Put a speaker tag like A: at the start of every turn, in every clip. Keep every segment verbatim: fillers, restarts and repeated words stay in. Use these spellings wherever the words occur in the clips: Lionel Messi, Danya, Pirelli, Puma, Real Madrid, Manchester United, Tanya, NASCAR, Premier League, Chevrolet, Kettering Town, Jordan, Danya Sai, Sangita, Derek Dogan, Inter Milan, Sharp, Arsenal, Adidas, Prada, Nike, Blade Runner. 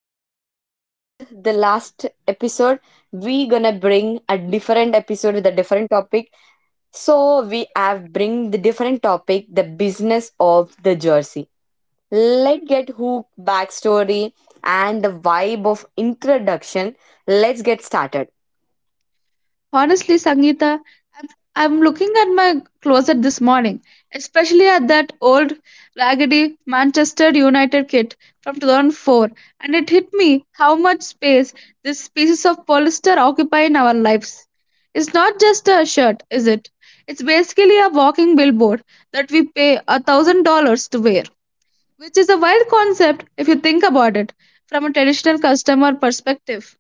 A: as we promised the last episode, we gonna bring a different episode with a different topic. So we have bring the different topic, the business of the jersey. Let's get hook backstory and the vibe of introduction. Let's get started.
B: Honestly, Sangeeta, I'm, I'm looking at my closet this morning, especially at that old raggedy Manchester United kit from two thousand four, and it hit me how much space these pieces of polyester occupy in our lives. It's not just a shirt, is it? It's basically a walking billboard that we pay a thousand dollars to wear, which is a wild concept if you think about it from a traditional customer perspective.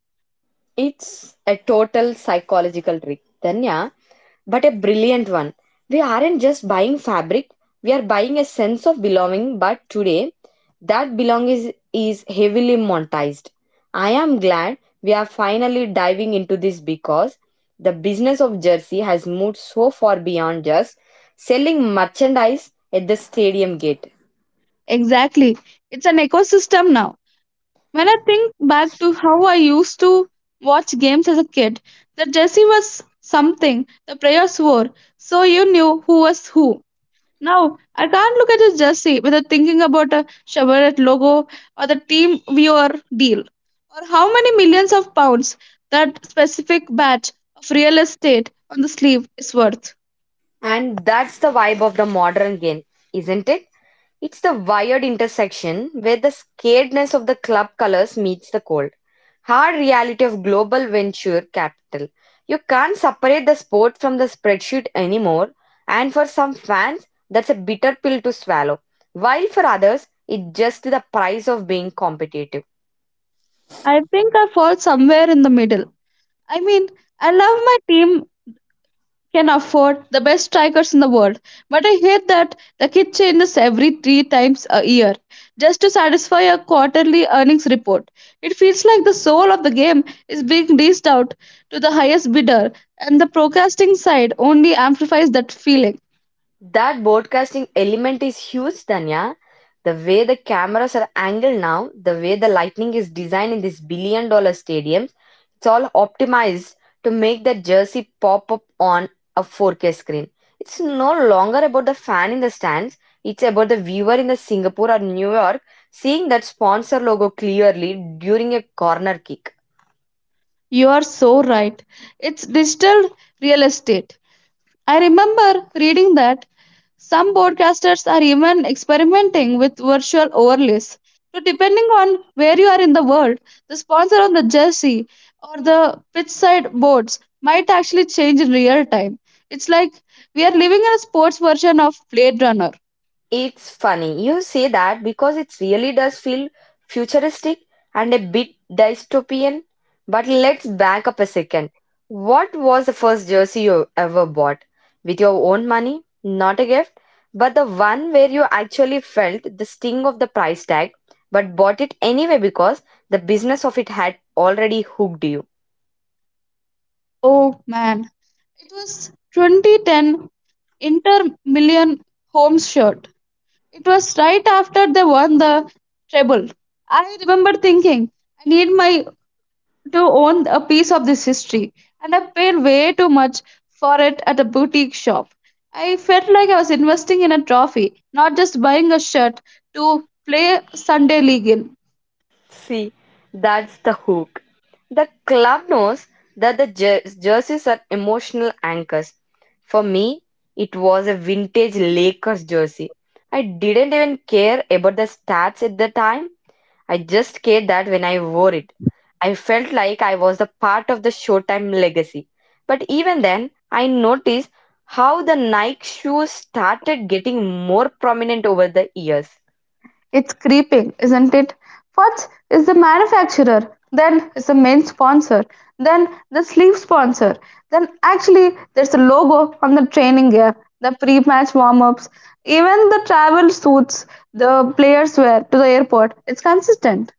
A: It's a total psychological trick, Danya, but a brilliant one. We aren't just buying fabric, we are buying a sense of belonging, but today that belonging is, is heavily monetized. I am glad we are finally diving into this because the business of jersey has moved so far beyond just selling merchandise at the stadium gate.
B: Exactly. It's an ecosystem now. When I think back to how I used to watch games as a kid, the jersey was something the players wore, so you knew who was who. Now, I can't look at a jersey without thinking about a Chevrolet logo or the team we or deal, or how many millions of pounds that specific batch of real estate on the sleeve is worth.
A: And that's the vibe of the modern game, isn't it? It's the wired intersection where the scaredness of the club colors meets the cold, hard reality of global venture capital. You can't separate the sport from the spreadsheet anymore, and for some fans, that's a bitter pill to swallow, while for others, it's just the price of being competitive.
B: I think I fall somewhere in the middle. I mean, I love my team can afford the best strikers in the world. But I hate that the kit changes every three times a year just to satisfy a quarterly earnings report. It feels like the soul of the game is being dished out to the highest bidder, and the procrasting side only amplifies that feeling.
A: That broadcasting element is huge, Tanya. The way the cameras are angled now, the way the lighting is designed in these billion dollar stadiums, it's all optimized to make that jersey pop up on a four K screen. It's no longer about the fan in the stands, it's about the viewer in the Singapore or New York seeing that sponsor logo clearly during a corner kick.
B: You are so right. It's digital real estate. I remember reading that some broadcasters are even experimenting with virtual overlays. So, depending on where you are in the world, the sponsor on the jersey or the pitch side boards might actually change in real time. It's like we are living in a sports version of Blade Runner.
A: It's funny you say that because it really does feel futuristic and a bit dystopian. But let's back up a second. What was the first jersey you ever bought? With your own money? Not a gift, but the one where you actually felt the sting of the price tag, but bought it anyway because the business of it had already hooked you.
B: Oh man, it was twenty ten Inter Million home shirt. It was right after they won the treble. I remember thinking, I need my to own a piece of this history, and I paid way too much for it at a boutique shop. I felt like I was investing in a trophy, not just buying a shirt to play Sunday League in.
A: See, that's the hook. The club knows that the jer- jerseys are emotional anchors. For me, it was a vintage Lakers jersey. I didn't even care about the stats at the time. I just cared that when I wore it, I felt like I was the part of the Showtime legacy. But even then, I noticed how the Nike shoes started getting more prominent over the years.
B: It's creeping, isn't it? First is the manufacturer, then is the main sponsor, then the sleeve sponsor, then actually there's a logo on the training gear, the pre match warm ups, even the travel suits the players wear to the airport. It's consistent.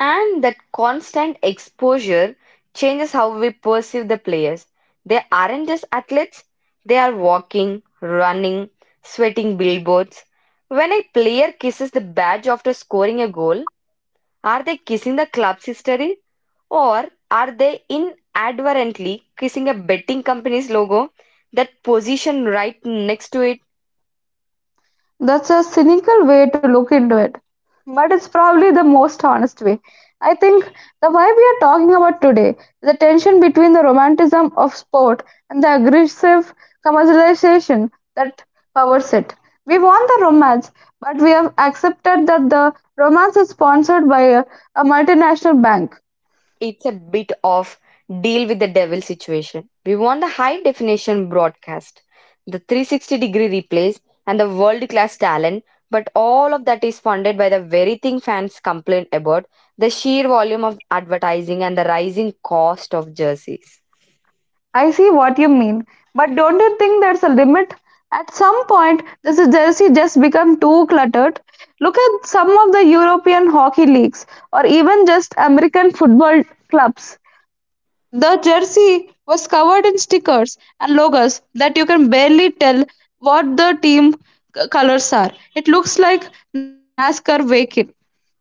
A: And that constant exposure changes how we perceive the players. They aren't just athletes, they are walking, running, sweating billboards. When a player kisses the badge after scoring a goal, are they kissing the club's history? Or are they inadvertently kissing a betting company's logo that positioned right next to it?
B: That's a cynical way to look into it, but it's probably the most honest way. I think the vibe we are talking about today, the tension between the romanticism of sport and the aggressive commercialization that powers it. We want the romance, but we have accepted that the romance is sponsored by a, a multinational bank.
A: It's a bit of deal with the devil situation. We want the high definition broadcast, the three hundred sixty degree replays, and the world class talent, but all of that is funded by the very thing fans complain about the sheer volume of advertising and the rising cost of jerseys.
B: I see what you mean, but don't you think there's a limit? At some point, the jersey just become too cluttered. Look at some of the European hockey leagues, or even just American football clubs. The jersey was covered in stickers and logos that you can barely tell what the team colors are. It looks like NASCAR vehicle.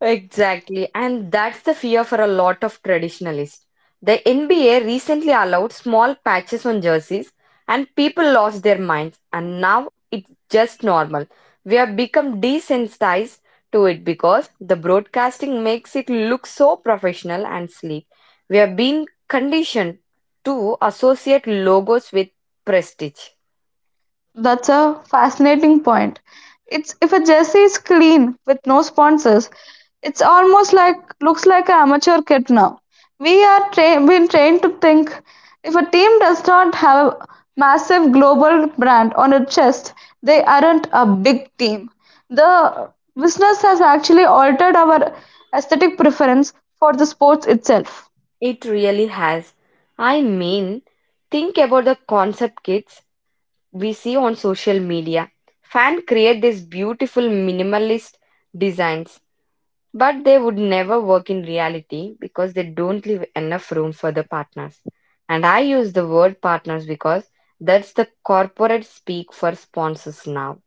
A: Exactly, and that's the fear for a lot of traditionalists. The N B A recently allowed small patches on jerseys, and people lost their minds, and now it's just normal. We have become desensitized to it because the broadcasting makes it look so professional and sleek. We have been conditioned to associate logos with prestige.
B: That's a fascinating point. It's if a jersey is clean with no sponsors, it's almost like looks like an amateur kit now. We are tra- been trained to think if a team does not have a massive global brand on its chest, they aren't a big team. The business has actually altered our aesthetic preference for the sports itself.
A: It really has. I mean, think about the concept kits we see on social media. Fans create these beautiful minimalist designs, but they would never work in reality because they don't leave enough room for the partners. And I use the word partners because that's the corporate speak for sponsors now.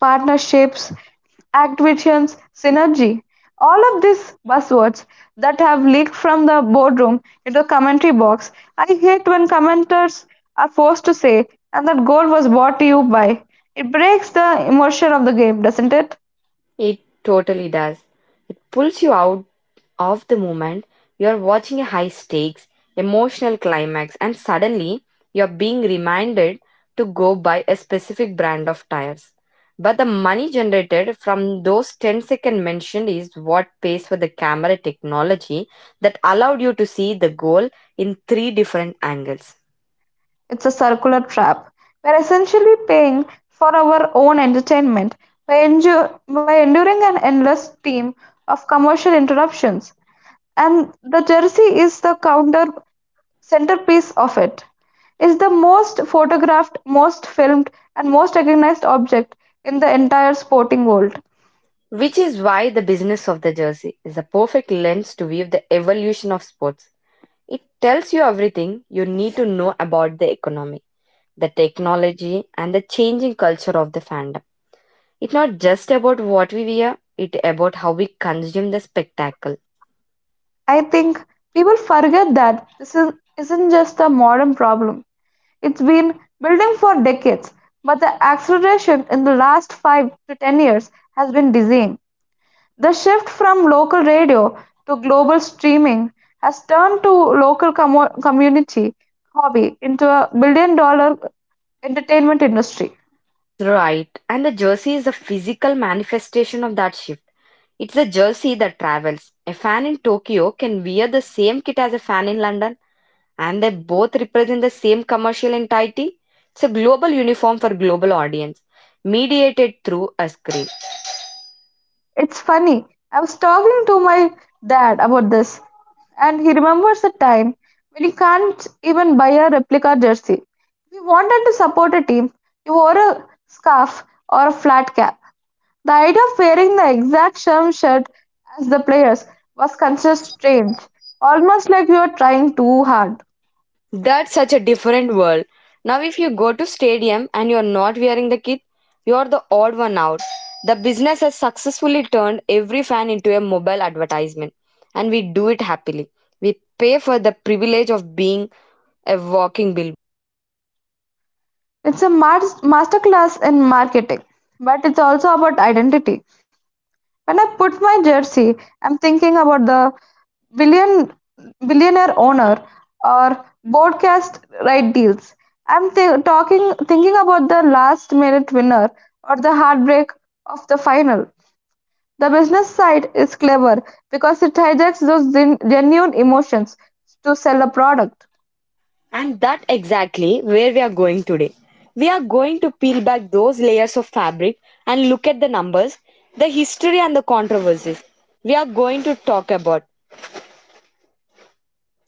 B: Partnerships, activations, synergy. All of these buzzwords that have leaked from the boardroom into the commentary box. I hate when commenters are forced to say, and that goal was bought to you by. It breaks the immersion of the game, doesn't it?
A: It totally does. It pulls you out of the moment you're watching a high stakes emotional climax and suddenly you're being reminded to go buy a specific brand of tires but the money generated from those ten second mentioned is what pays for the camera technology that allowed you to see the goal in three different angles
B: It's a circular trap. We're essentially paying for our own entertainment by, endu- by enduring an endless stream of commercial interruptions. And the jersey is the counter centerpiece of it. It's the most photographed, most filmed, and most recognized object in the entire sporting world.
A: which is why the business of the jersey is a perfect lens to view the evolution of sports it tells you everything you need to know about the economy the technology and the changing culture of the fandom. It's not just about what we wear, it's about how we consume the spectacle.
B: I think people forget that this is, isn't just a modern problem. It's been building for decades, but the acceleration in the last five to ten years has been dizzying. The shift from local radio to global streaming has turned to local commo community hobby into a billion dollar entertainment industry.
A: Right. And the jersey is a physical manifestation of that shift. It's a jersey that travels. A fan in Tokyo can wear the same kit as a fan in London, and they both represent the same commercial entity. It's a global uniform for global audience, mediated through a screen.
B: It's funny. I was talking to my dad about this, and he remembers a time when you can't even buy a replica jersey. If you wanted to support a team, you wore a scarf or a flat cap. The idea of wearing the exact same shirt as the players was considered strange, almost like you were trying too hard.
A: That's such a different world. Now, if you go to stadium and you're not wearing the kit, you're the odd one out. The business has successfully turned every fan into a mobile advertisement, and we do it happily. We pay for the privilege of being a walking bill.
B: It's a mas- masterclass in marketing, but it's also about identity. When I put my jersey, I'm thinking about the billion billionaire owner or broadcast right deals. I'm thi- talking thinking about the last minute winner or the heartbreak of the final. The business side is clever because it hijacks those gen- genuine emotions to sell a product.
A: And that exactly where we are going today. We are going to peel back those layers of fabric and look at the numbers, the history and the controversies we are going to talk about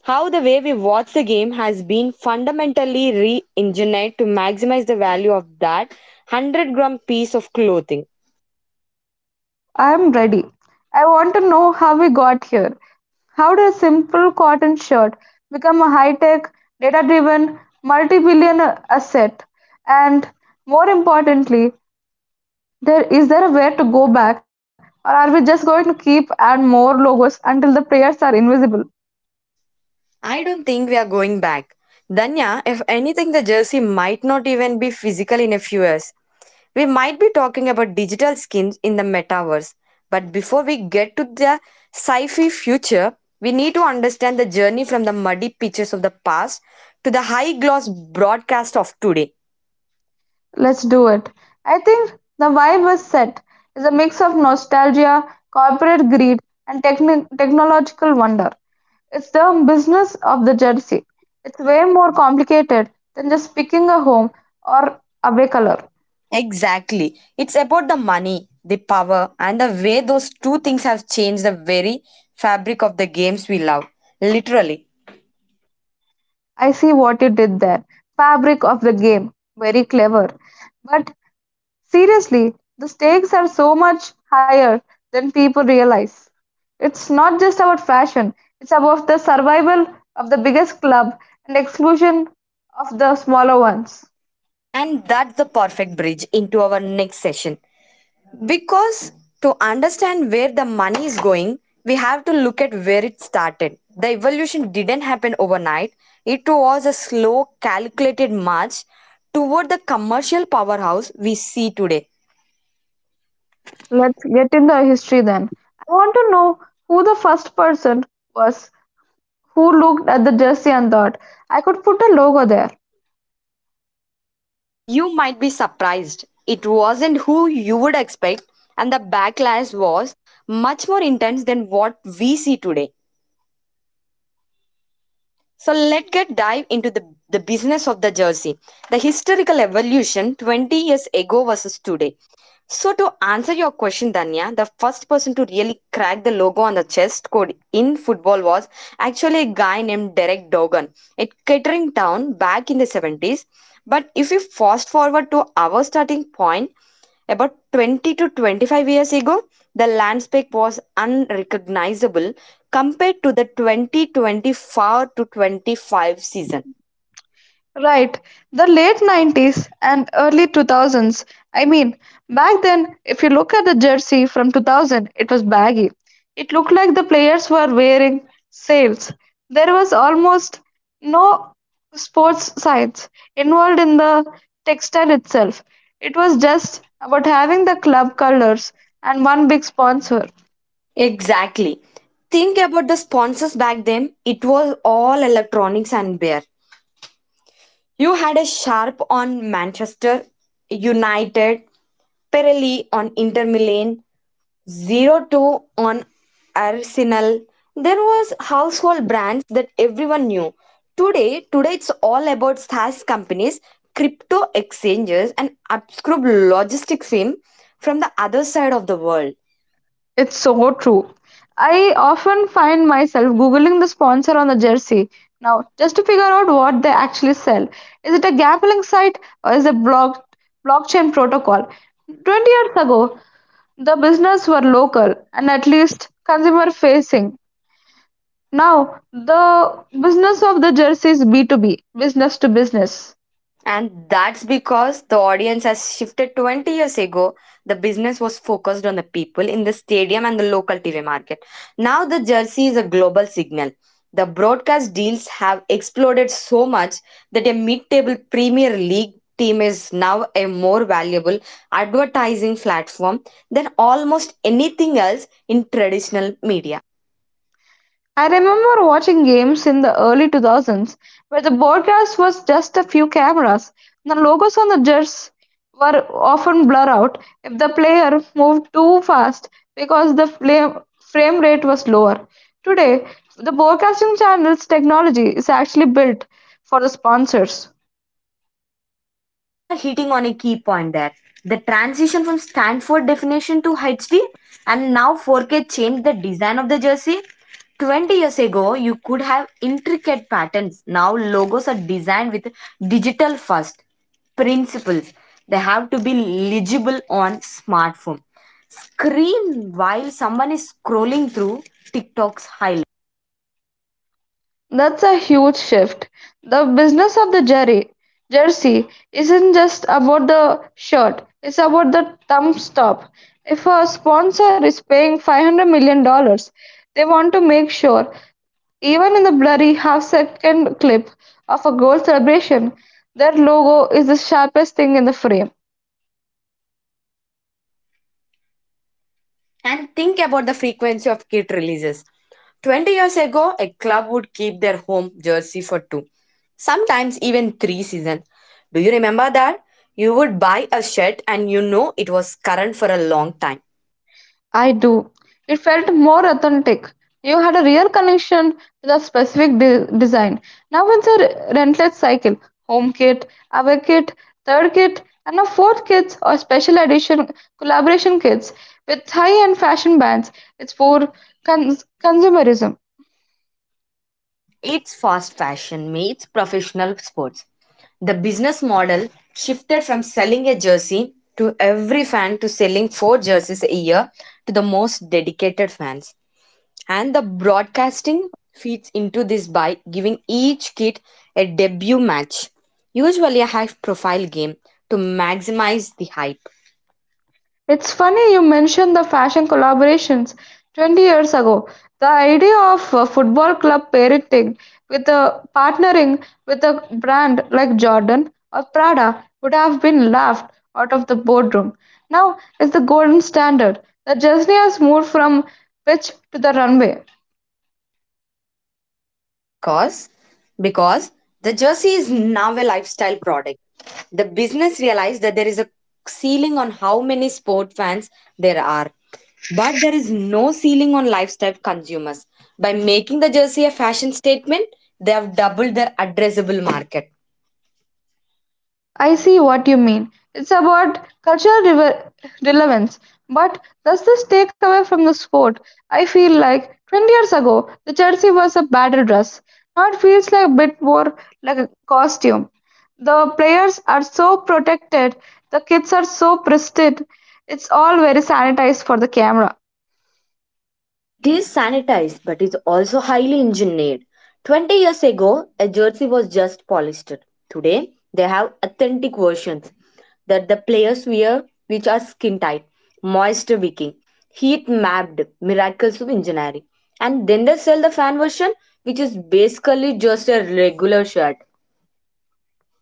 A: how the way we watch the game has been fundamentally re engineered to maximize the value of that one hundred gram piece of clothing.
B: I'm ready. I want to know how we got here. How did a simple cotton shirt become a high tech, data driven, multi billion asset? And more importantly, there, is there a way to go back, or are we just going to keep add more logos until the prayers are invisible?
A: I don't think we are going back. Danya, if anything, the jersey might not even be physical in a few years. We might be talking about digital skins in the metaverse. But before we get to the sci fi future, we need to understand the journey from the muddy pitches of the past to the high gloss broadcast of today.
B: Let's do it. I think the vibe was set is a mix of nostalgia, corporate greed, and techni- technological wonder. It's the business of the jersey. It's way more complicated than just picking a home or away color.
A: Exactly. It's about the money, the power, and the way those two things have changed the very fabric of the games we love, literally.
B: I see what you did there. Fabric of the game. Very clever. But seriously, the stakes are so much higher than people realize. It's not just about fashion, it's about the survival of the biggest club and exclusion of the smaller ones.
A: And that's the perfect bridge into our next session. Because to understand where the money is going, we have to look at where it started. The evolution didn't happen overnight, it was a slow, calculated march toward the commercial powerhouse we see today.
B: Let's get in the history then. I want to know who the first person was who looked at the jersey and thought, I could put a logo there.
A: You might be surprised. It wasn't who you would expect, and the backlash was much more intense than what we see today. So let's get dive into the, the business of the jersey, the historical evolution twenty years ago versus today. So to answer your question, Danya, the first person to really crack the logo on the chest code in football was actually a guy named Derek Dogan at Kettering Town back in the seventies. But if we fast forward to our starting point, about twenty to twenty-five years ago, the landscape was unrecognizable compared to the twenty twenty-four to twenty-five season.
B: Right. The late nineties and early two thousands. I mean, back then, if you look at the jersey from two thousand, it was baggy. It looked like the players were wearing sails. There was almost no sports science involved in the textile itself. It was just about having the club colors and one big sponsor.
A: Exactly. Think about the sponsors back then. It was all electronics and beer. You had a sharp on Manchester United, Pirelli on Inter Milan, Zero two on Arsenal, there was household brands that everyone knew. Today, today it's all about SaaS companies, crypto exchanges, and obscure logistics firm from the other side of the world.
B: It's so true. I often find myself googling the sponsor on the jersey now just to figure out what they actually sell. Is it a gambling site or is it block blockchain protocol? twenty years ago, the business were local and at least consumer facing. Now, the business of the jersey is B two B, business to business.
A: And that's because the audience has shifted twenty years ago. The business was focused on the people in the stadium and the local T V market. Now the jersey is a global signal. The broadcast deals have exploded so much that a mid table Premier League team is now a more valuable advertising platform than almost anything else in traditional media.
B: I remember watching games in the early two thousands where the broadcast was just a few cameras. The logos on the jerseys were often blurred out if the player moved too fast because the flame- frame rate was lower. Today, the broadcasting channel's technology is actually built for the sponsors.
A: You are hitting on a key point there. The transition from Stanford definition to H D and now four K changed the design of the jersey. twenty years ago, you could have intricate patterns. Now, logos are designed with digital first principles. They have to be legible on smartphone. Screen while someone is scrolling through TikTok's highlights.
B: That's a huge shift. The business of the jerry jersey isn't just about the shirt, it's about the thumb stop. If a sponsor is paying five hundred million dollars, dollars, they want to make sure, even in the blurry half second clip of a goal celebration, their logo is the sharpest thing in the frame.
A: And think about the frequency of kit releases. twenty years ago, a club would keep their home jersey for two, sometimes even three seasons. Do you remember that? You would buy a shirt and you know it was current for a long time.
B: I do. It felt more authentic. You had a real connection with a specific de- design. Now it's a re- relentless cycle. Home kit, away kit, third kit, and a fourth kit or special edition collaboration kits with high-end fashion brands. It's for cons- consumerism.
A: It's fast fashion meets professional sports. The business model shifted from selling a jersey to every fan to selling four jerseys a year to the most dedicated fans. And the broadcasting feeds into this by giving each kid a debut match, usually a high profile game, to maximize the hype.
B: It's funny you mentioned the fashion collaborations twenty years ago. The idea of a football club parenting with a partnering with a brand like Jordan or Prada would have been laughed out of the boardroom. Now it's the golden standard. The jersey has moved from pitch to the runway.
A: Because because the jersey is now a lifestyle product. The business realized that there is a ceiling on how many sport fans there are. But there is no ceiling on lifestyle consumers. By making the jersey a fashion statement, they have doubled their addressable market.
B: I see what you mean. It's about cultural rever relevance. But does this take away from the sport? I feel like twenty years ago, the jersey was a battle dress. Now it feels like a bit more like a costume. The players are so protected, the kids are so pristine. It's all very sanitized for the camera.
A: It is sanitized but is also highly engineered. twenty years ago, a jersey was just polyester. Today, they have authentic versions that the players wear, which are skin tight, moisture wicking, heat mapped, miracles of engineering. And then they sell the fan version, which is basically just a regular shirt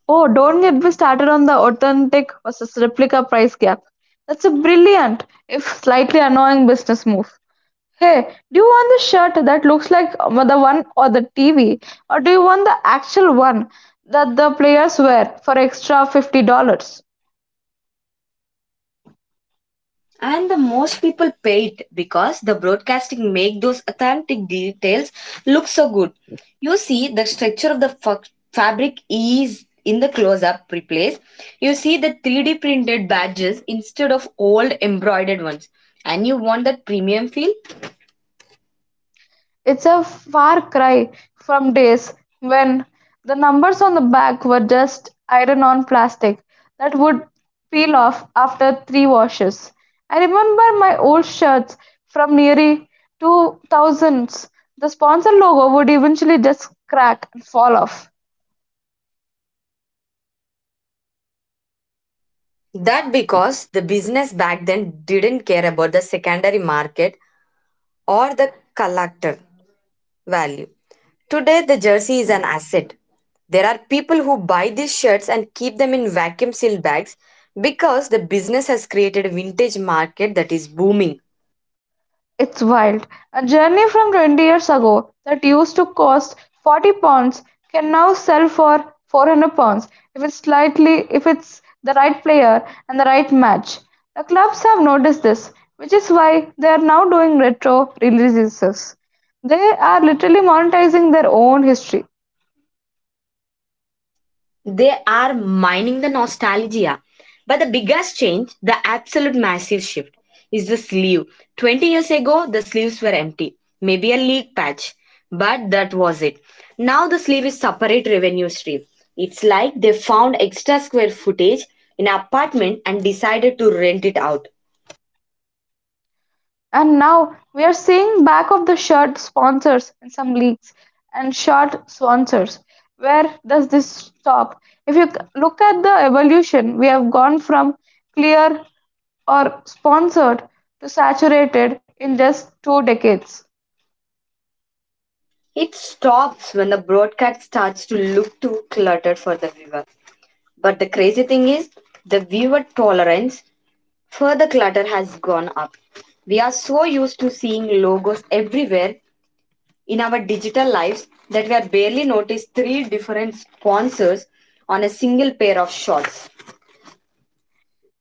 B: Oh, don't get me started on the authentic versus replica price gap. That's a brilliant, if slightly annoying, business move. Hey, do you want the shirt that looks like um, the one or the T V, or do you want the actual one that the players wear for extra fifty dollars?
A: and the most people pay it because the broadcasting make those authentic details look so good you see the structure of the fa- fabric is in the close up replace you see the three D printed badges instead of old embroidered ones and you want that premium feel
B: It's a far cry from days when the numbers on the back were just iron on plastic that would peel off after three washes. I remember my old shirts from nearly two thousands. The sponsor logo would eventually just crack and fall off.
A: that because the business back then didn't care about the secondary market or the collector value. Today, the jersey is an asset. There are people who buy these shirts and keep them in vacuum sealed bags because the business has created a vintage market that is booming.
B: It's wild. A journey from twenty years ago that used to cost forty pounds can now sell for four hundred pounds if it's slightly if it's the right player and the right match. The clubs have noticed this, which is why they are now doing retro releases. They are literally monetizing their own history.
A: They are mining the nostalgia. But the biggest change, the absolute massive shift, is the sleeve. twenty years ago, the sleeves were empty, maybe a leak patch, but that was it. Now the sleeve is separate revenue stream. It's like they found extra square footage in an apartment and decided to rent it out.
B: And now we are seeing back of the shirt sponsors in some leagues and shirt sponsors. Where does this stop? If you c- look at the evolution, we have gone from clear or sponsored to saturated in just two decades.
A: It stops when the broadcast starts to look too cluttered for the viewer. But the crazy thing is, the viewer tolerance further clutter has gone up. We are so used to seeing logos everywhere in our digital lives that we are barely notice three different sponsors on a single pair of shorts.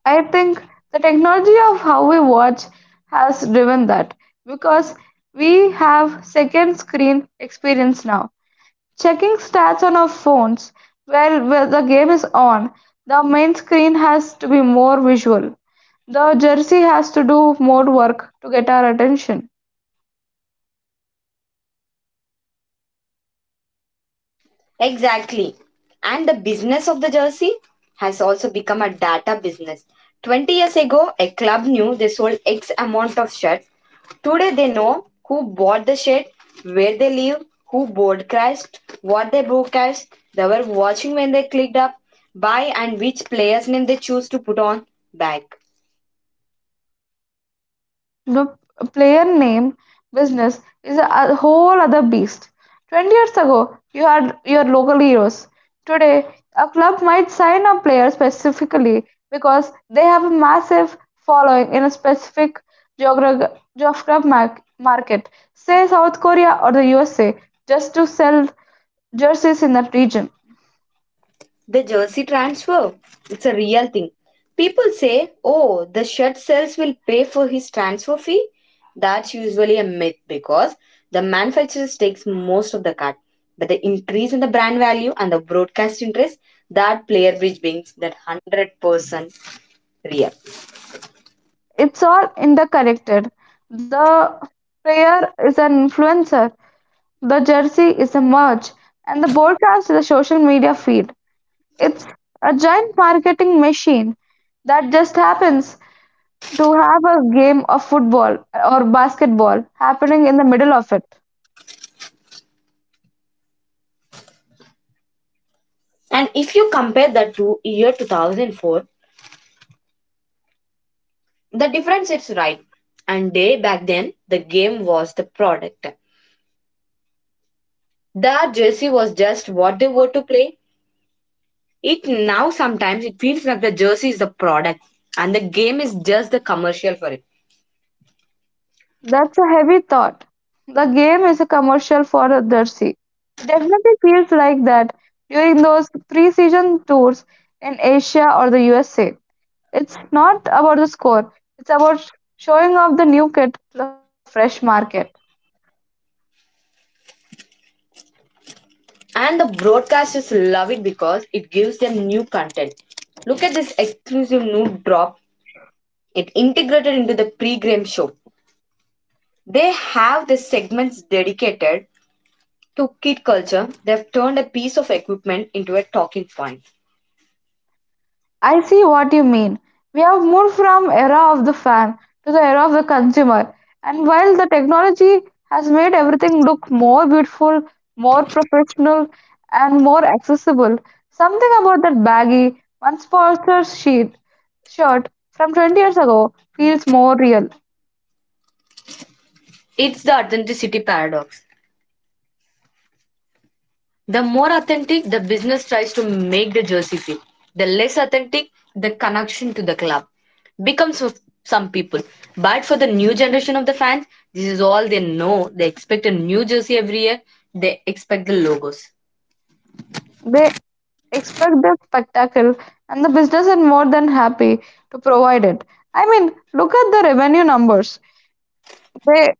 B: I think the technology of how we watch has driven that because we have second screen experience now. Checking stats on our phones while while the game is on, the main screen has to be more visual. The jersey has to do more work to get our attention.
A: Exactly. And the business of the jersey has also become a data business. twenty years ago, a club knew they sold X amount of shirts. Today, they know who bought the shirt, where they live, who broadcast, what they broadcast, they were watching when they clicked up, buy, and which player's name they choose to put on back.
B: The player name business is a a whole other beast. twenty years ago, you had your local heroes. Today, a club might sign a player specifically because they have a massive following in a specific geographic market, say South Korea or the U S A, just to sell jerseys in that region.
A: The jersey transfer, it's a real thing. People say, oh, the shirt sales will pay for his transfer fee. That's usually a myth because the manufacturers takes most of the cut. But the increase in the brand value and the broadcast interest, that player which brings that one hundred percent real.
B: It's all interconnected. The player is an influencer. The jersey is a merch, and the broadcast is a social media feed. It's a giant marketing machine that just happens to have a game of football or basketball happening in the middle of it.
A: And if you compare that to year two thousand four, the difference is right. And day back then, the game was the product. That jersey was just what they were to play. It now sometimes it feels like the jersey is the product and the game is just the commercial for it.
B: That's a heavy thought. The game is a commercial for the jersey. It definitely feels like that during those pre-season tours in Asia or the U S A. It's not about the score, it's about showing off the new kit to the fresh market.
A: And the broadcasters love it because it gives them new content. Look at this exclusive new drop. It integrated into the pre-game show. They have the segments dedicated to kid culture. They've turned a piece of equipment into a talking point.
B: I see what you mean. We have moved from era of the fan to the era of the consumer. And while the technology has made everything look more beautiful, more professional, and more accessible, something about that baggy one-sponsor sheet shirt from twenty years ago feels more real.
A: It's the authenticity paradox. The more authentic the business tries to make the jersey feel, the less authentic the connection to the club becomes for some people. But for the new generation of the fans, this is all they know. They expect a new jersey every year, they expect the logos.
B: They expect the spectacle, and the business is more than happy to provide it. I mean, look at the revenue numbers. They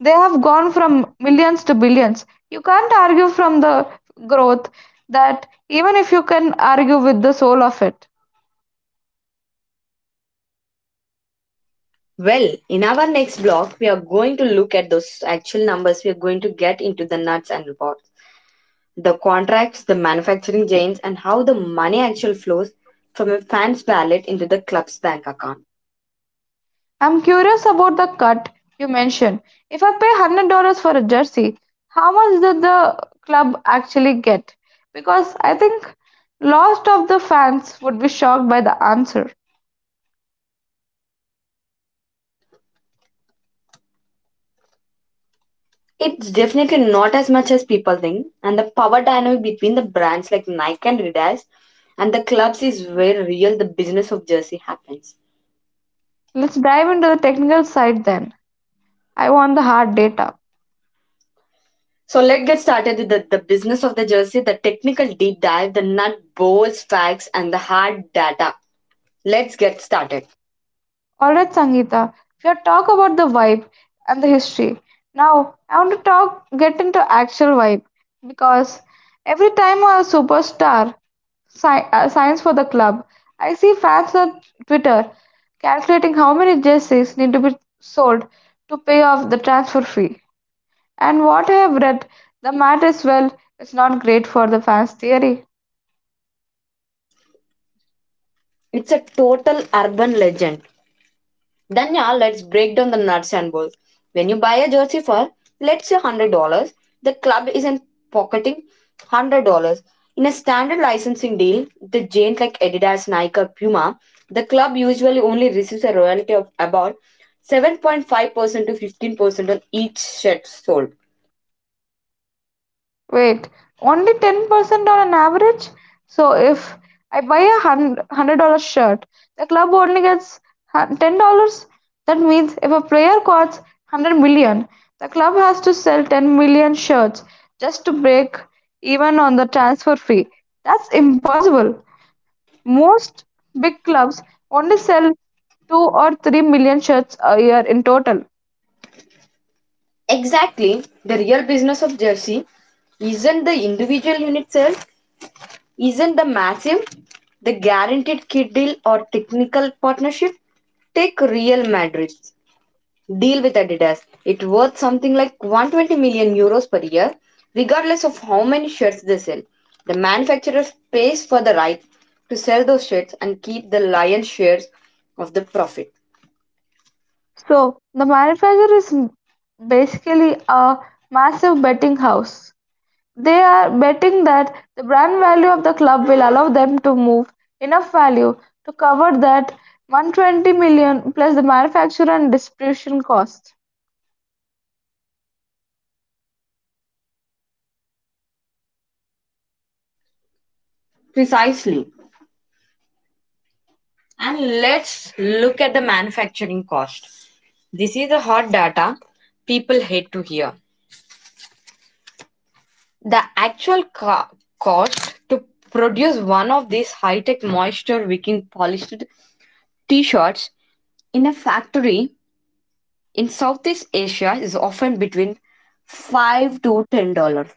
B: They have gone from millions to billions. You can't argue from the growth that, even if you can argue with the soul of it.
A: Well, in our next block, we are going to look at those actual numbers. We are going to get into the nuts and bolts, the contracts, the manufacturing chains, and how the money actually flows from a fan's wallet into the club's bank account.
B: I'm curious about the cut you mentioned. If I pay one hundred dollars for a jersey, how much did the club actually get? Because I think lost of the fans would be shocked by the answer.
A: It's definitely not as much as people think, and the power dynamic between the brands like Nike and Adidas and the clubs is where real the business of jersey happens.
B: Let's dive into the technical side then. I want the hard data.
A: So let's get started with the, the business of the jersey, the technical deep dive, the nut bolts facts, and the hard data. Let's get started.
B: All right, Sangeeta. We have talked about the vibe and the history. Now I want to talk, get into actual vibe because every time a superstar si- uh, signs for the club, I see fans on Twitter calculating how many jerseys need to be sold to pay off the transfer fee. And what I have read, the math is, well, it's not great for the fans' theory.
A: It's a total urban legend. Then yeah, let's break down the nuts and bolts. When you buy a jersey for let's say hundred dollars, the club isn't pocketing hundred dollars. In a standard licensing deal, the giant like Adidas, Nike, or Puma, the club usually only receives a royalty of about seven point five percent to fifteen percent on each shirt sold.
B: Wait, only ten percent on an average? So if I buy a hun- a hundred dollars shirt, the club only gets hun- ten dollars. That means if a player costs one hundred million, the club has to sell ten million shirts just to break even on the transfer fee. That's impossible. Most big clubs only sell two or three million shirts a year in total.
A: Exactly, the real business of jersey isn't the individual unit sale, isn't the maxim the guaranteed kid deal or technical partnership? Take Real Madrid deal with Adidas. It worth something like 120 million euros per year, regardless of how many shirts they sell. The manufacturer pays for the right to sell those shirts and keep the lion's shares of the profit.
B: So the manufacturer is m- basically a massive betting house. They are betting that the brand value of the club will allow them to move enough value to cover that one hundred twenty million plus the manufacturer and distribution cost.
A: Precisely. And let's look at the manufacturing cost. This is the hot data people hate to hear. The actual co- cost to produce one of these high tech moisture wicking polished t shirts in a factory in Southeast Asia is often between five to ten dollars.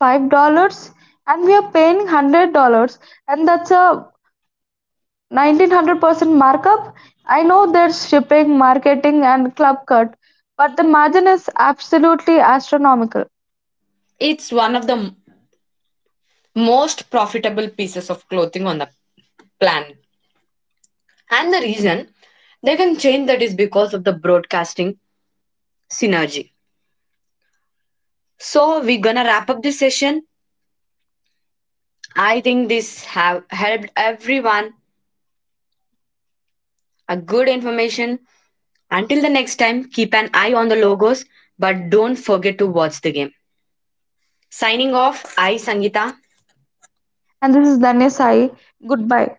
B: Five dollars and we are paying one hundred dollars and that's a nineteen hundred percent markup. I know there's shipping, marketing and club cut, but the margin is absolutely astronomical.
A: It's one of the m- most profitable pieces of clothing on the planet. And the reason they can change that is because of the broadcasting synergy. So we're gonna wrap up this session. I think this have helped everyone a good information. Until the next time, keep an eye on the logos, but don't forget to watch the game. Signing off, I Sangita.
B: And this is Danya Sai. Goodbye.